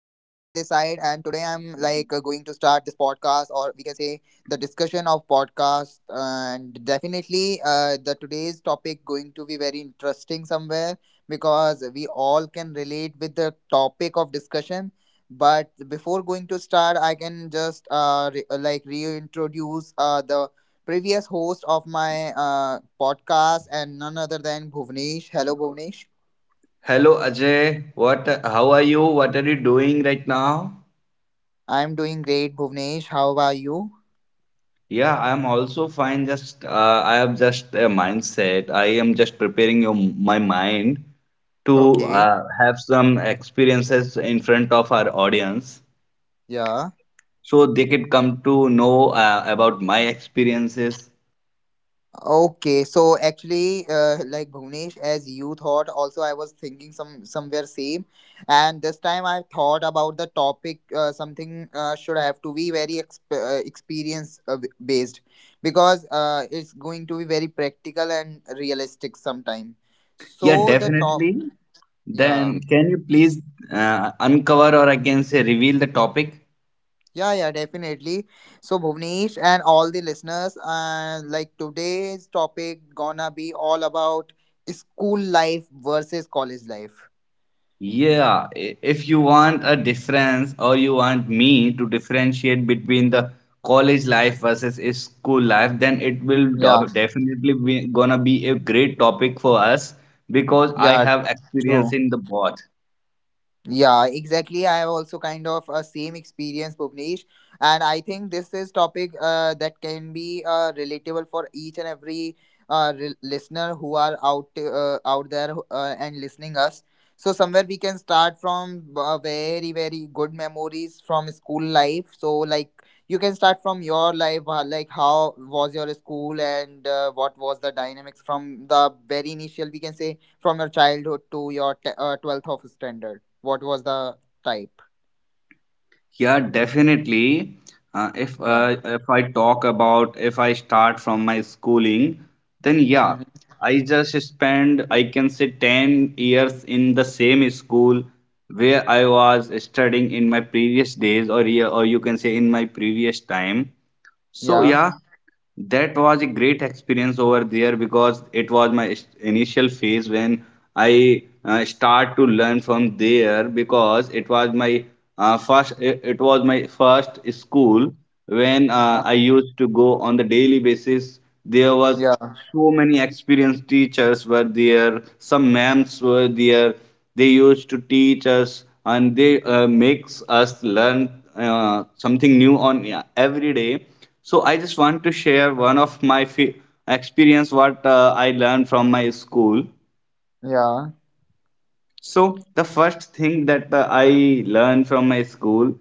I'm going to start this podcast, or we can say the discussion of podcast. And definitely, the today's topic going to be very interesting somewhere because we all can relate with the topic of discussion. But before going to start, I can just reintroduce the previous host of my podcast, and none other than Bhuvnesh. Hello, Bhuvnesh. Hello Ajay, what how are you? What are you doing right now? I'm doing great, Bhuvnesh. How are you? Yeah, I am also fine. Just I have just a mindset. I am just preparing my mind to Okay. Have some experiences in front of our audience, Yeah. so they could come to know about my experiences. Okay. So actually, like Bhuvnesh, as you thought, also I was thinking somewhere same, and this time I thought about the topic. Something should have to be very experience based, because it's going to be very practical and realistic sometime. Yeah, So the top. definitely. Yeah. Then, can you please uncover, or I can say, reveal the topic? Yeah, yeah, definitely. So Bhuvnesh and all the listeners, like today's topic gonna be all about school life versus college life. Yeah, if you want a difference, or you want me to differentiate between the college life versus is school life, then it will Yeah, do definitely be gonna be a great topic for us, because I yeah, have experience true. in the both. Yeah, exactly. I have also kind of a same experience, Bhuvnesh, and I think this is topic that can be relatable for each and every listener who are out there and listening us. So somewhere we can start from very very good memories from school life. So like you can start from your life, like how was your school and what was the dynamics from the very initial we can say from your childhood to your 12th of standard what was the type. Yeah, definitely. Uh, if Yeah. uh, if I talk about if I start from my schooling, then yeah, Hmm. I just spend I can say 10 years in the same school where I was studying in my previous days or year, or you can say in my previous time. So Yeah. yeah, that was a great experience over there, because it was my initial phase when I start to learn from there, because it was my it was my first school, when Uh, I used to go on the daily basis. There was yeah. so many experienced teachers were there, some ma'ams were there, they used to teach us, and they makes us learn something new on, yeah, every day. So I just want to share one of my experience, what I learned from my school. Yeah. So the first thing that I learned from my school,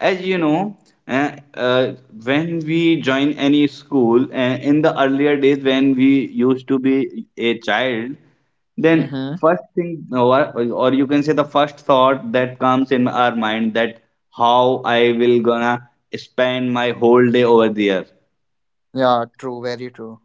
as you know, uh, uh, when we join any school, in the earlier days when we used to be a child, then Hmm. first thing, or you can say, the first thought that comes in our mind, that how I will gonna spend my whole day over there. Yeah, true, very true.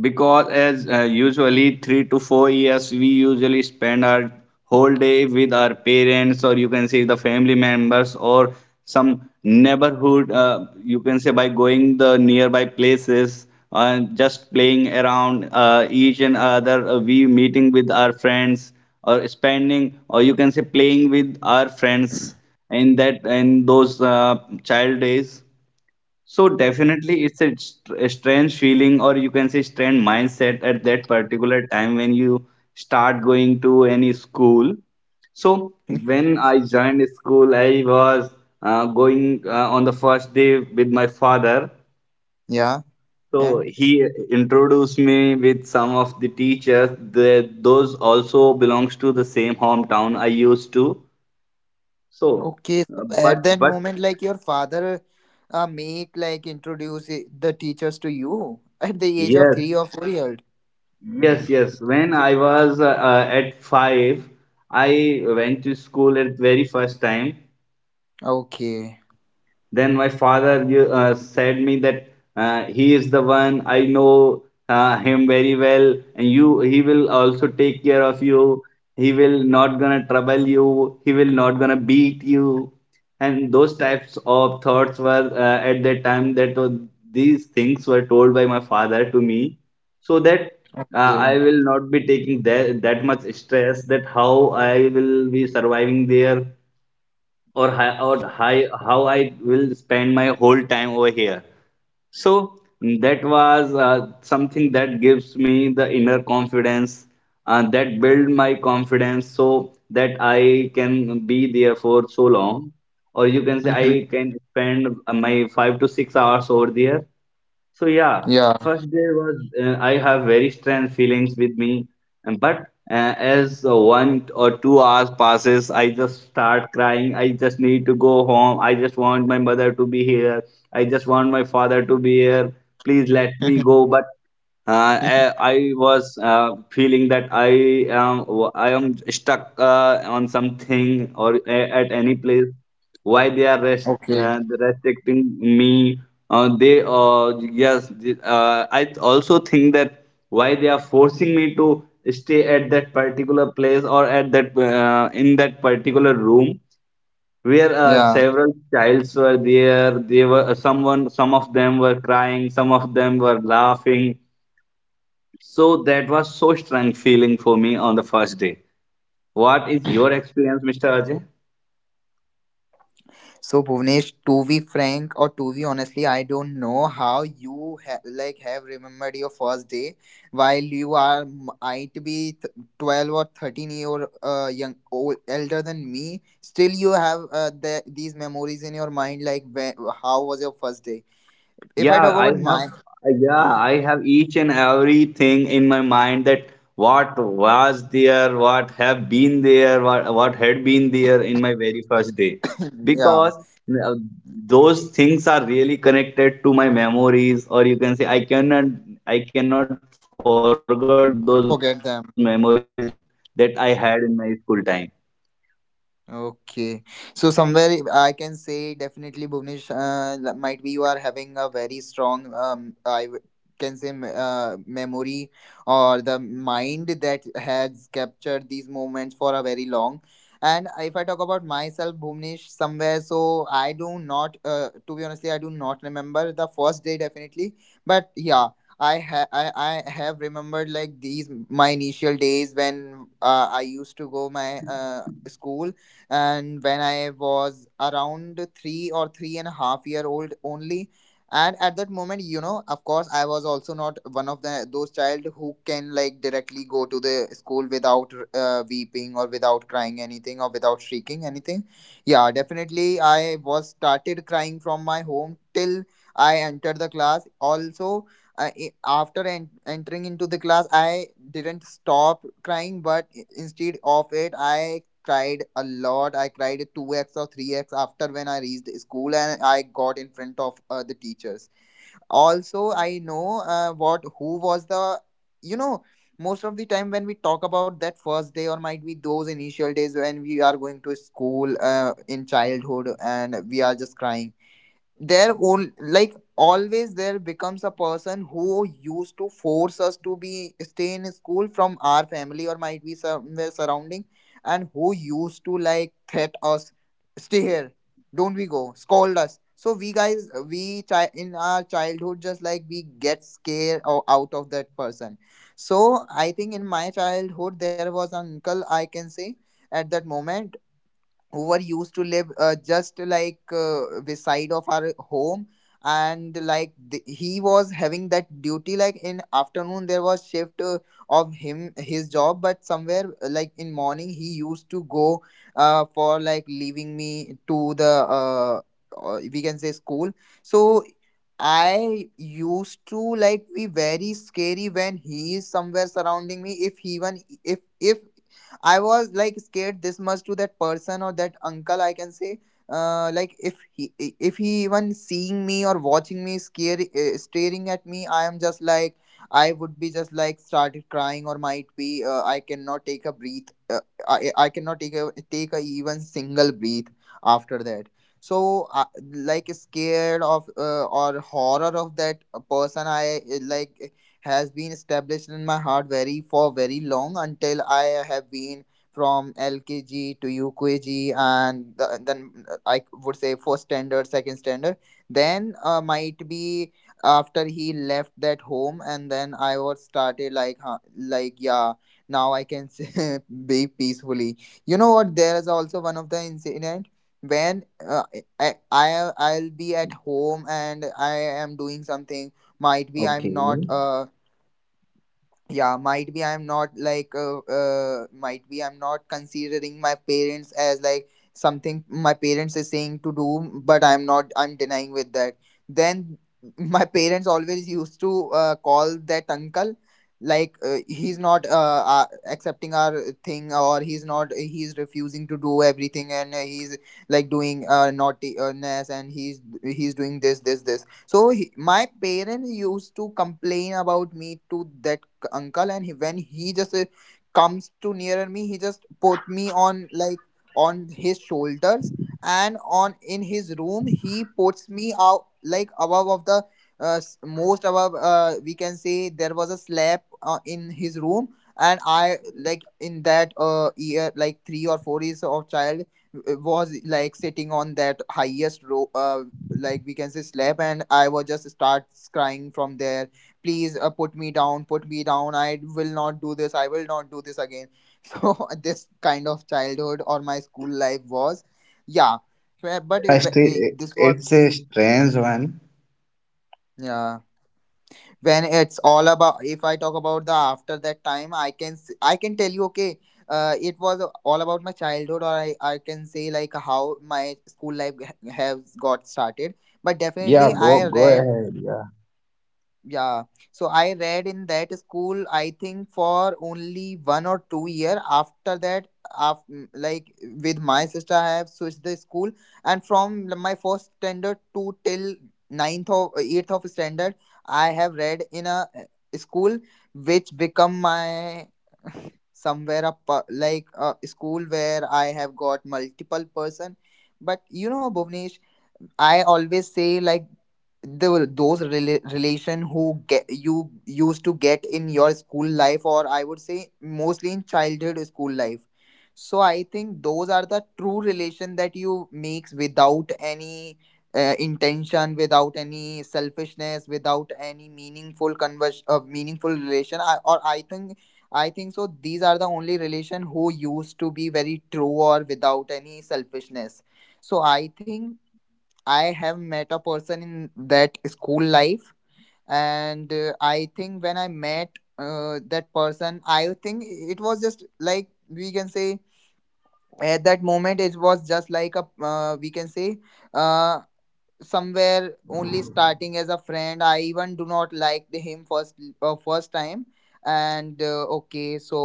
Because as usually 3 to 4 years we usually spend our whole day with our parents, or you can say the family members, or some neighborhood, you can say, by going the nearby places and just playing around, each and other, we meeting with our friends, or spending, or you can say, playing with our friends in that in those child days. So definitely, it's a, a strange feeling, or you can say, strange mindset at that particular time when you start going to any school. So when I joined school, I was going on the first day with my father. Yeah. So And he introduced me with some of the teachers. Those also belongs to the same hometown I used to. So, okay, uh, so but at that but moment, like your father mate like introduce the teachers to you at the age of yes, 3 or 4 years. yes, yes. When I was at 5, I went to school at very first time. Okay. Then my father said me that he is the one, I know him very well, and you he will also take care of you. He will not gonna trouble you. He will not gonna beat you. And those types of thoughts were at that time, that these things were told by my father to me, so that Yeah. I will not be taking that much stress, that how I will be surviving there, or how I will spend my whole time over here. So that was something that gives me the inner confidence, that build my confidence, so that I can be there for so long, or you can say, Hmm. I can spend my 5 to 6 hours over there. So yeah, Yeah. first day was, I have very strange feelings with me. And but as 1 or 2 hours passes, I just start crying. I just need to go home. I just want my mother to be here. I just want my father to be here. Please let me go. But uh, I, I was feeling that am I am stuck on something, or at any place. Why they are Okay. Restricting me? I also think that why they are forcing me to stay at that particular place, or at that, in that particular room, where Yeah. several childs were there. They were someone. Some of them were crying, some of them were laughing. So that was so strong feeling for me on the first day. What is your experience, Mr. Ajay? So Bhuvnesh, to be frank or to be honestly, I don't know how you like have remembered your first day while you are might be 12 or 13 year young old elder than me. Still, you have these memories in your mind. Like when, how was your first day? If I Yeah, talk I about have my, yeah, I have each and everything in my mind, that what was there, what have been there, what had been there in my very first day. yeah, Because those things are really connected to my memories, or you can say, I cannot forget those memories that I forget had them. in my school time. Okay, so somewhere I can say definitely Bhuvnesh, that might be you are having a very strong, I memory or the mind that has captured these moments for a very long. And if I talk about myself, Bhuvnesh, somewhere, so I do not, to be honestly, I do not remember the first day definitely, but yeah. I, ha- I have remembered like these my initial days when I used to go my school, and when I was around three or three and a half year old only. And at that moment, you know, of course I was also not one of the those child who can like directly go to the school without weeping or without crying anything or without shrieking anything. Yeah, definitely I was started crying from my home till I entered the class also. I, i- after entering into the class, I didn't stop crying, but instead of it I cried a lot. I cried 2x or 3x after when I reached school and I got in front of the teachers. Also, I know what who was the, you know, most of the time when we talk about that first day or might be those initial days when we are going to school in childhood and we are just crying there only, like always there becomes a person who used to force us to be stay in school from our family or might be somewhere surrounding, and who used to like threat us, stay here, don't we go scold us. So we guys, we in our childhood, just like we get scared or out of that person. So I think in my childhood there was an uncle I can say, at that moment, who were used to live just like beside of our home. And like he was having that duty, like in afternoon there was shift of him his job, but somewhere like in morning he used to go for like leaving me to the we can say school. So I used to like be very scary when he is somewhere surrounding me. If he even if I was like scared this much to that person or that uncle, I can say, like if he even seeing me or watching me, scare staring at me, I am just like, I would be just like started crying or might be I cannot take a breath. I cannot take a even single breath after that. So, like scared of or horror of that person, I like has been established in my heart very for very long, until I have been from LKG to UKG and then I would say first standard, second standard. Then might be after he left that home, and then I was started like, huh, like, yeah, now I can be peacefully. You know what? There is also one of the incident when I'll be at home and I am doing something, might be I'm not like might be I'm not considering my parents as like something my parents is saying to do, but I'm not I'm denying with that. Then my parents always used to call that uncle, like he's not accepting our thing, or he's not, he's refusing to do everything, and he's like doing naughtiness, and he's doing this this this. So he, my parents used to complain about me to that uncle. And he, when he just comes to nearer me, he just put me on like on his shoulders, and on in his room he puts me out like above of the most above we can say there was a slab in his room. And I like in that year, like 3 or 4 years of child, was like sitting on that highest row like we can say slab, and I was just start crying from there. Please, put me down, put me down, I will not do this, I will not do this again. So this kind of childhood or my school life was, yeah, where- but if, First, eh, eh, this was, it's a strange one. yeah, when it's all about, if I talk about the after that time I can I can tell you. Okay, it was all about my childhood, or I can say like how my school life has got started. But Yeah, definitely go I go read, ahead. Yeah. yeah, so I read in that school, I think for only 1 or 2 year. After that, after, like with my sister, I have switched the school, and from my first standard to till ninth or eighth of standard, I have read in a school which become my somewhere up like a school where I have got multiple person. But you know, Bhuvnesh, I always say like the those relation who get you used to get in your school life, or I would say mostly in childhood school life. So I think those are the true relation that you makes without any intention, without any selfishness, without any meaningful relation. I think, I think so. These are the only relation who used to be very true or without any selfishness. So I think I have met a person in that school life, and I think when I met that person, I think it was just like we can say at that moment it was just like a we can say uh, somewhere only starting as a friend. I even do not like the him first time. And okay, so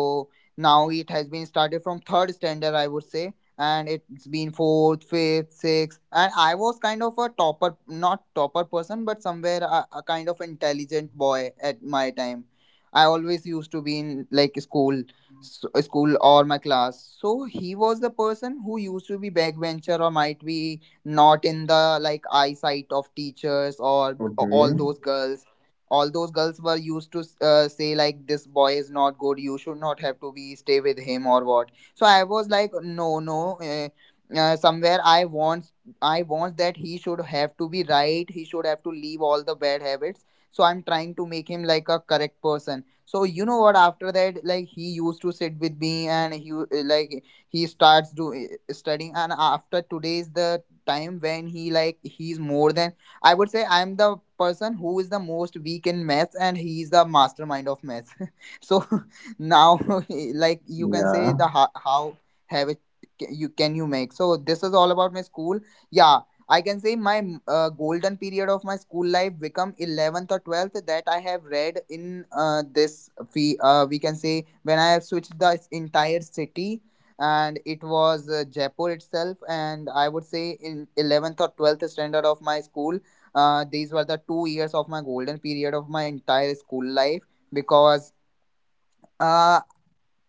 now it has been started from third standard, I would say, and it's been fourth, fifth, sixth, and I was kind of a topper, not topper person, but somewhere a kind of intelligent boy at my time. I always used to be in like school, school or my class. So he was the person who used to be backbencher, or might be not in the like eyesight of teachers, or all Okay. those girls. All those girls were used to say like this boy is not good, you should not have to be stay with him or what. So I was like no, no, somewhere I want that he should have to be right, he should have to leave all the bad habits. So I'm trying to make him like a correct person. So you know what, after that, like, he used to sit with me, and like he starts studying. And after today's the time when he's more than, I would say, I'm the person who is the most weak in maths, and he's the mastermind of maths. So now like you can say Yeah. the how have it you can you make. So this is all about my school. Yeah. I can say my golden period of my school life become 11th or 12th that I have read in this fee we can say when I have switched the entire city, and it was Jaipur itself. And I would say in 11th or 12th standard of my school, these were the 2 years of my golden period of my entire school life, because, Uh,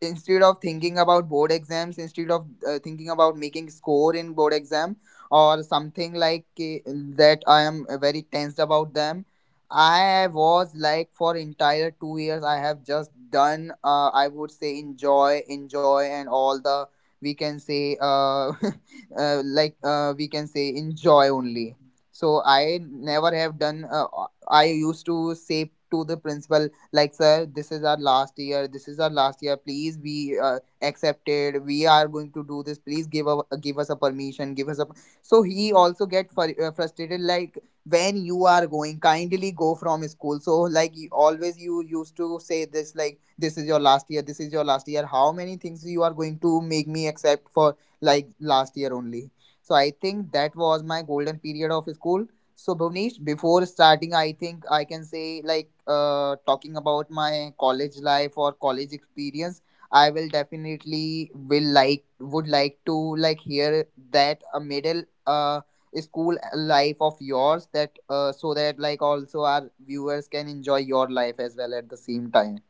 instead of thinking about board exams, instead of thinking about making score in board exam or something that I am very tensed about them. I was like, for entire 2 years I have just done, I would say, enjoy, enjoy, and all the we can say we can say enjoy only. So I never have done I used to say to the principal like, sir, this is our last year, this is our last year, please be accepted, we are going to do this, please give us a permission, give us a, so he also get frustrated, like, when you are going kindly go from school. So like, always you used to say this like this is your last year, this is your last year, how many things you are going to make me accept for, like last year only. So I think that was my golden period of school. So, Bhuvnesh, before starting, I think I can say, like, talking about my college life or college experience, I will definitely will like would like to hear that a middle school life of yours, that so that like also our viewers can enjoy your life as well at the same time.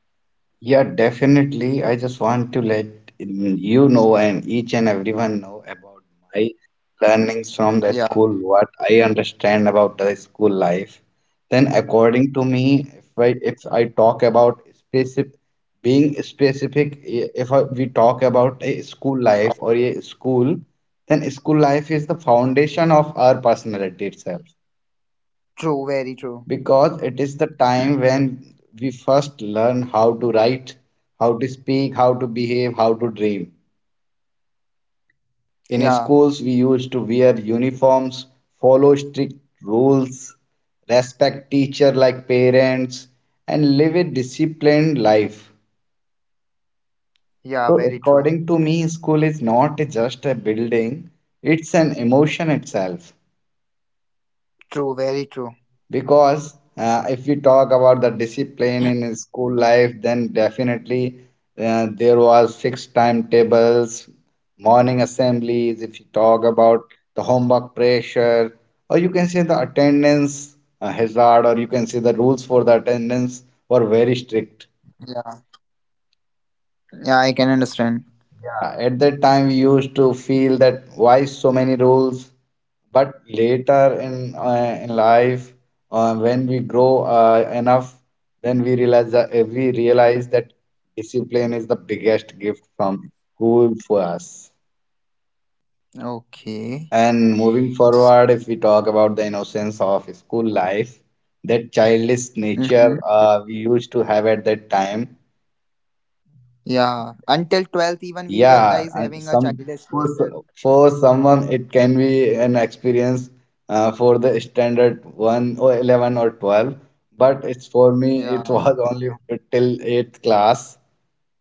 Yeah, definitely. I just want to let, you know, and each and everyone know about my learnings from the Yeah, school, what I understand about the school life. Then, according to me, if I talk about specific being specific, I- if I, we talk about a school life or a school, then school life is the foundation of our personality itself. true, very true. Because it is the time when we first learn how to write, how to speak, how to behave, how to dream. Yeah, In schools, we used to wear uniforms, follow strict rules, respect teacher like parents, and live a disciplined life. yeah, So, very true. according to me, school is not just a building, it's an emotion itself. True, very true. Because if we talk about the discipline in school life, then definitely there was fixed timetables, morning assemblies, if you talk about the homework pressure, or you can say the attendance hazard, or you can say the rules for the attendance were very strict. Yeah, yeah, I can understand. At that time, we used to feel that why so many rules, but later in life, when we grow enough, then we realize that discipline is the biggest gift from school for us. Okay. And moving forward, if we talk about the innocence of school life, that childish Mm-hmm. nature we used to have at that time. Yeah. Until 12th, even we were Yeah, guys and having a some childish for nature. so- for someone it can be an experience for the standard one or 11 or 12, but it's for me it Yeah. was only till eighth class,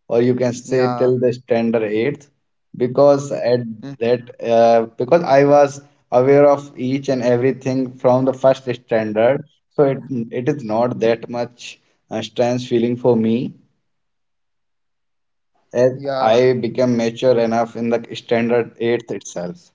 or you can say Yeah. till the standard eighth, because at that Mhm. Because I was aware of each and everything from the first standard, so it is not that much strange feeling for me, as Yeah. I became mature enough in the standard 8th itself.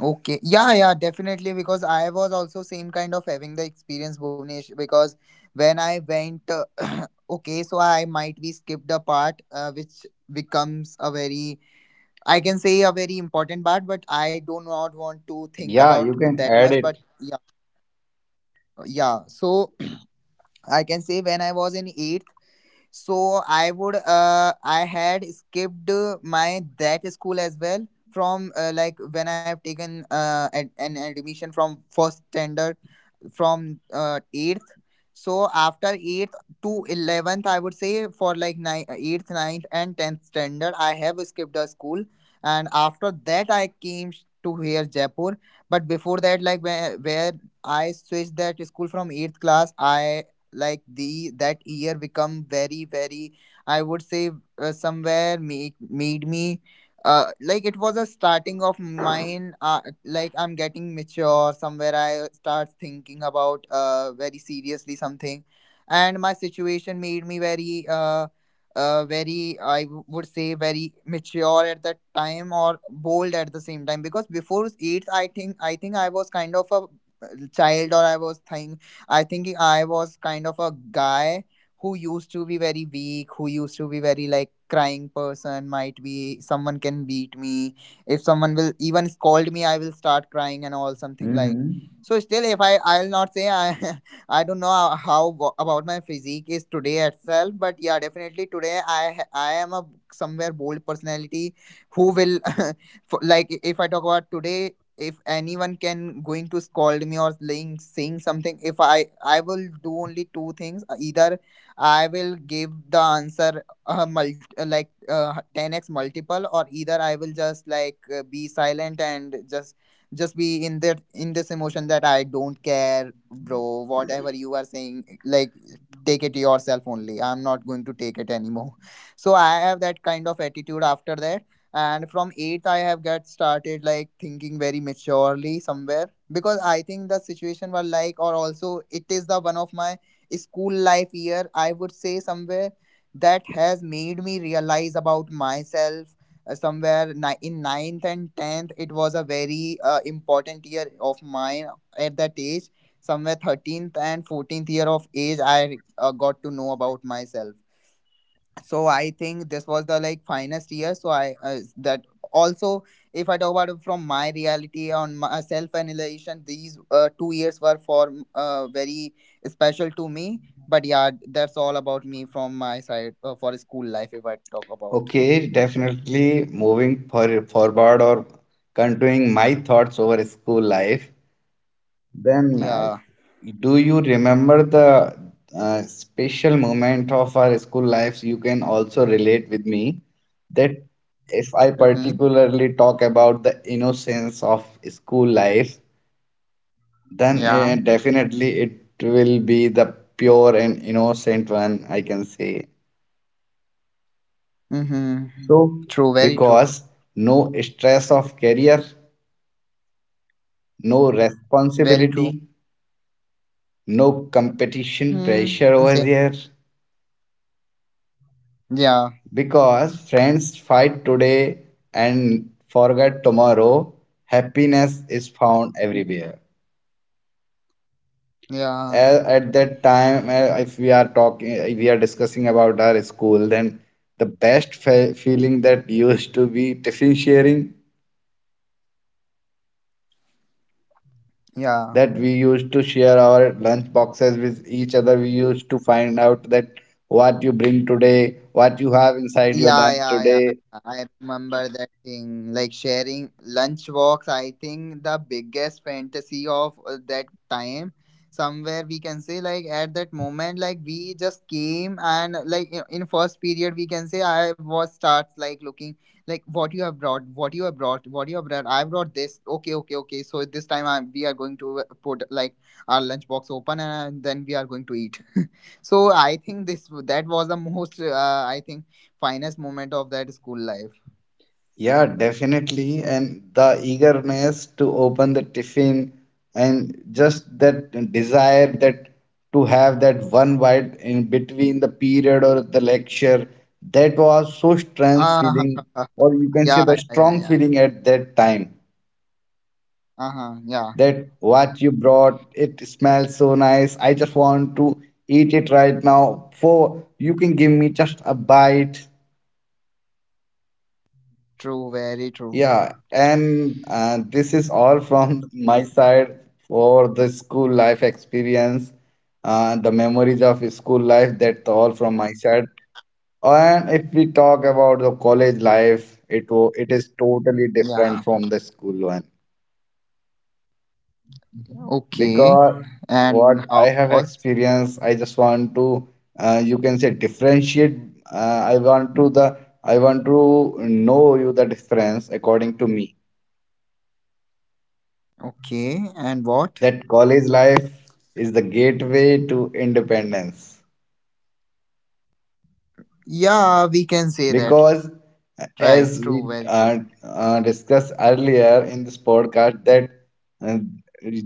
Okay. Yeah, yeah, definitely. Because I was also same kind of having the experience, Bhuvnesh. Because when I went, okay, so I might be skipped a part, which becomes a very, I can say, a very important part, but I do not want to think Yeah, about you can that add much. it. But yeah, yeah. So I can say when I was in eighth. So I had skipped my that school as well from like when I have taken an admission from first standard from 8th. So after 8th to 11th, I would say, for like 8th, 9th, and 10th standard, I have skipped a school. And after that, I came to here, Jaipur. But before that, like where I switched that school from 8th class, I like the that year become very, very, I would say, somewhere make made me uh like, it was a starting of mine, like I'm getting mature, somewhere I start thinking about very seriously something. And my situation made me very, very, would say, very mature at that time, or bold at the same time, because before eighth, I think I was kind of a child. Or I thinking I was kind of a guy who used to be very weak, who used to be very like crying person, might be someone can beat me. If someone will even scold me, I will start crying and all something like. Mm-hmm. So still, if I'll not say I I don't know how about my physique is today itself, but yeah, definitely today I am a somewhere bold personality who will for, like, if I talk about today, if anyone can going to scold me or saying something, if I will do only two things: either I will give the answer a multi, like 10x multiple, or either I will just like be silent and just be in that in this emotion that I don't care, bro. Whatever you are saying, like, take it yourself only. I'm not going to take it anymore. So I have that kind of attitude after that. And from eighth, I have got started like thinking very maturely somewhere, because I think the situation was like, or also it is the one of my school life year, I would say somewhere, that has made me realize about myself. Somewhere in ninth and 10th, it was a very important year of mine at that age. Somewhere 13th and 14th year of age, I got to know about myself. So I think this was the like finest year. So I that also, if I talk about it from my reality on my self annihilation, these 2 years were for very special to me. But yeah, that's all about me from my side, for school life, if I talk about. Okay, definitely moving forward, or continuing my thoughts over school life. Then, Yeah. do you remember the special moment of our school lives? You can also relate with me that if I Mm-hmm. particularly talk about the innocence of school life, then Yeah. definitely it will be the pure and innocent one, I can say. Mm-hmm. So, True, very true. because no stress of career, no Very true. responsibility, no competition Hmm, can pressure say. over there. Yeah. Because friends fight today and forget tomorrow, happiness is found Mhm. everywhere. Yeah. At that time, if we are discussing about our school, then the best fe feeling that used to be tiffin sharing, Yeah. that we used to share our lunch boxes with each other. We used to find out that what you bring today, what you have inside your Yeah, lunch yeah, yeah. today. Yeah. I remember that thing. Like, sharing lunchbox, I think the biggest fantasy of that time. Somewhere we can say, like, at that moment, like, we just came and, like, in first period, we can say, I was starts like looking, like, what you have brought, what you have brought, what you have brought. I brought this. Okay, okay, okay. So this time we are going to put, like, our lunchbox open, and then we are going to eat. So I think this that was the most, I think finest moment of that school life. Yeah, definitely. And the eagerness to open the tiffin, and just that desire that to have that one bite in between the period or the lecture, that was so strange Ah, feeling, or you can say, yeah, the yeah, yeah, strong yeah. feeling at that time. Uh-huh, yeah. That what you brought, it smells so nice. I just want to eat it right now. For you can give me just a bite. True, very true. Yeah, and this is all from my side for the school life experience, the memories of school life. That's all from my side. And if we talk about the college life, it is totally Yeah. different from the school one, Okay. because And what how I have was? experienced, I just want to you can say, differentiate. Uh, I want to the I want to know you the difference according to me, Okay. And what? that college life is the gateway to independence. Yeah, we can say that, right? Because as we True, very true. discussed earlier in this podcast, that uh,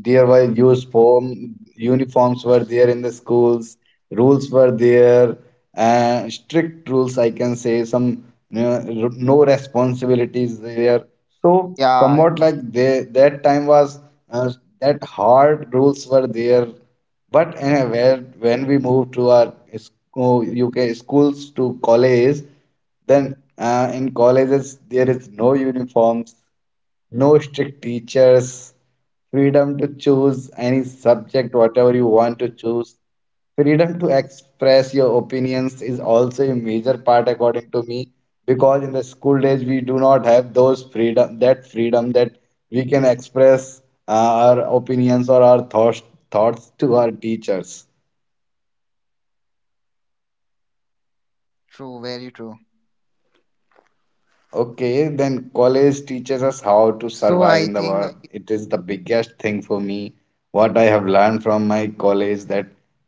there were used form uniforms were there in the schools, rules were there, strict rules I can say, some you know, r- no responsibilities there. So Yeah, somewhat yeah. like that time was, uh, that hard rules were there. But where when we moved to UK schools to college, then in colleges, there is no uniforms, no strict teachers, freedom to choose any subject, whatever you want to choose. Freedom to express your opinions is also a major part, according to me, because in the school days we do not have those freedom that we can express our opinions or our thoughts, thoughts to our teachers. True, very true. Okay, then college teaches us how to So survive I in the think world. It is the biggest thing for me. What I have learned from my college that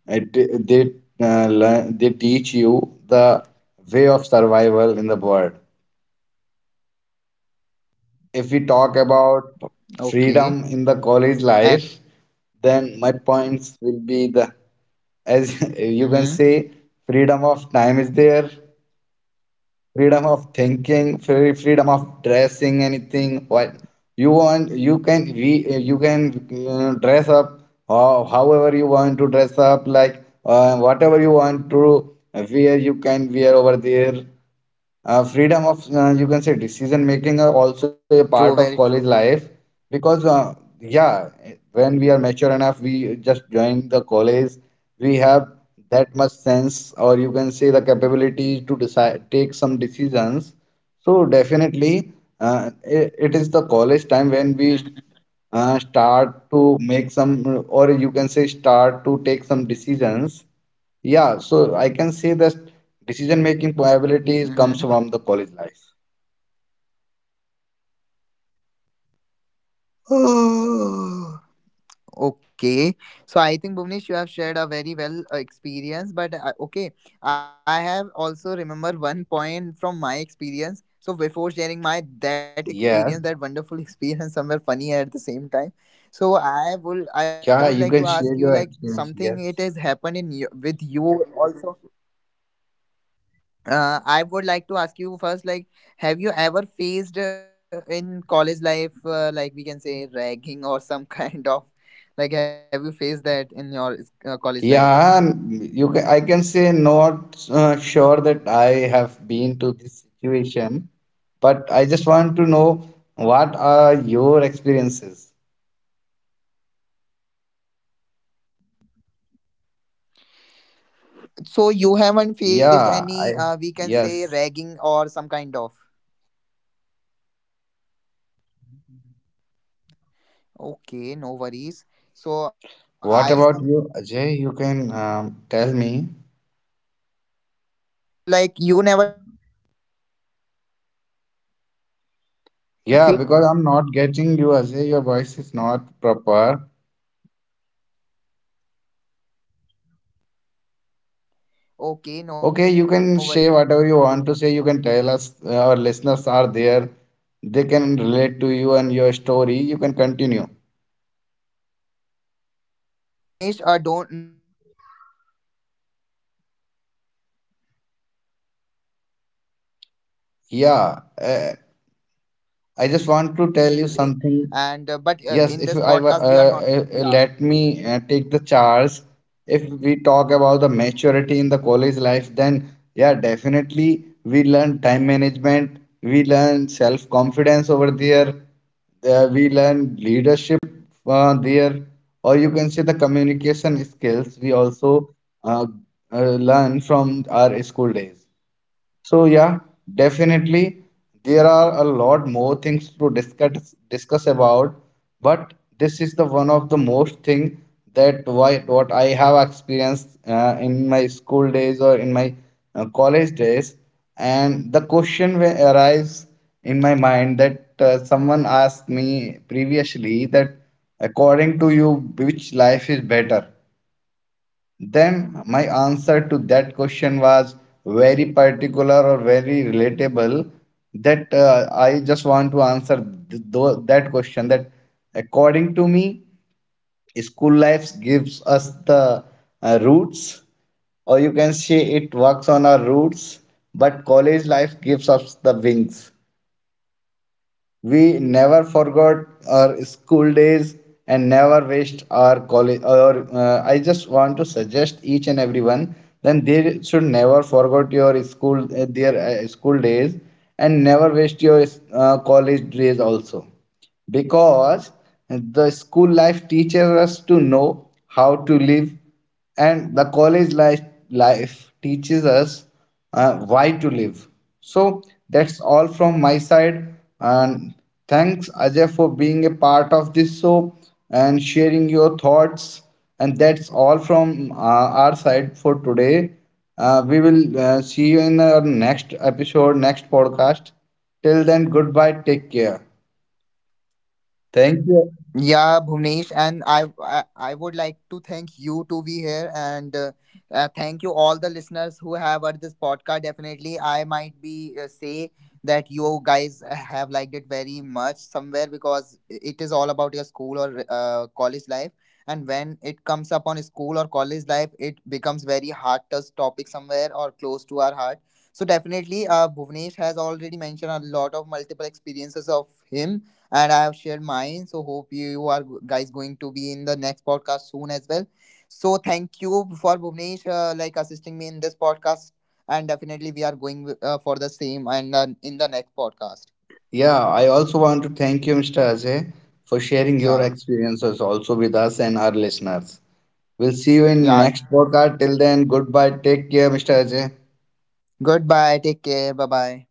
it, they they teach you the way of survival in the world. If we talk about freedom okay. in the college life, And then my points will be the as you can mm-hmm. say freedom of time is there, freedom of thinking, freedom of dressing anything. What you want, you can you can dress up however you want to dress up, like whatever you want to wear, you can wear over there. Freedom of you can say decision making are also a True, part very of true. college life because yeah, when we are mature enough we just join the college, we have that much sense, or you can say the capability to decide, take some decisions. So definitely, it is the college time when we Mm-hmm. Start to make some, or you can say start to take some decisions. Yeah, so I can say that decision making probabilities Mm-hmm. comes from the college life. Okay, so I think, Bhuvnesh, you have shared a very well experience, but okay, I have also remember one point from my experience. So before sharing my that experience, that Yes. wonderful experience, somewhere funny at the same time. So I would like Yeah, to you can ask you share like your experience. something, it has Yes. happened in you, with you also, I would like to ask you first, like, have you ever faced, in college life, like we can say, ragging or some kind of, like, have you faced that in your college life? Yeah, you can, I can say not sure that I have been to this situation, but I just want to know what are your experiences? So you haven't faced any, Yeah, we I can say, ragging Yes. or some kind of. Okay, no worries. So I will be share. What I about thought, you, Ajay? like, You in can your college tell life, me. there will be some. So, like, you never fe been Yeah, faced because I'm any not getting you, Ajay. ragging Your or some voice kind is of. How is not it possible? proper. Okay, no Okay, worries. So you can I share will be whatever you want to sharing say. You my can tell us. thoughts on Our it. Listeners are there. They can relate to you and your story. You can continue. Yeah. So Bhuvnesh, don't no issues. I'll be sharing with my points. Yeah, I'll be sharing, and but I just in want this to tell you podcast we are not. something. Yeah. Yes, if I wa- In, let me take the charge. If we talk about the maturity in the college life, then yeah, yeah, yeah, sure. definitely we learn time management, we learn self-confidence over there, we learn leadership there, or you can say the communication skills we also uh, learn from our school days. So yeah, definitely there are a lot more things to discuss about, but this is the one of the most thing that why what I have experienced in my school days or in my college days, and the question arrives in my mind that someone asked me previously that according to you which life is better. Then my answer to that question was very particular or very relatable. That I just want to answer that question. That according to me, school life gives us the roots, or you can say it works on our roots, but college life gives us the wings. We never forgot our school days and never waste our college. Or I just want to suggest each and everyone. Then they should never forget your school, their school days, and never waste your college days also, because the school life teaches us to know how to live, and the life teaches us why to live. So that's all from my side. And thanks, Ajay, for being a part of this show and sharing your thoughts. And that's all from our side for today. We will see you in our next episode, next podcast. Till then, goodbye. Take care. Thank you. Yeah, Bhuvnesh, and I would like to thank you to be here, and thank you all the listeners who have heard this podcast. Definitely, I might be say that you guys have liked it very much, somewhere is all about your school or college life. And when it comes up on school or college life, it becomes very hard touch topic somewhere, or close to our heart. So definitely, Bhuvnesh has already mentioned a lot of multiple experiences of him, and I have shared mine. So hope you are guys going to be in the next podcast soon as well. So thank you for Bhuvnesh, like, assisting me in this podcast, and definitely we are going for the same, and in the next podcast. Yeah, I also want to thank you, Mr. Ajay, for sharing your Yeah, experiences also with us and our listeners. We'll see you in yeah. next podcast. Till then, goodbye. Take care, Mr. Ajay. Goodbye. Take care. Bye bye.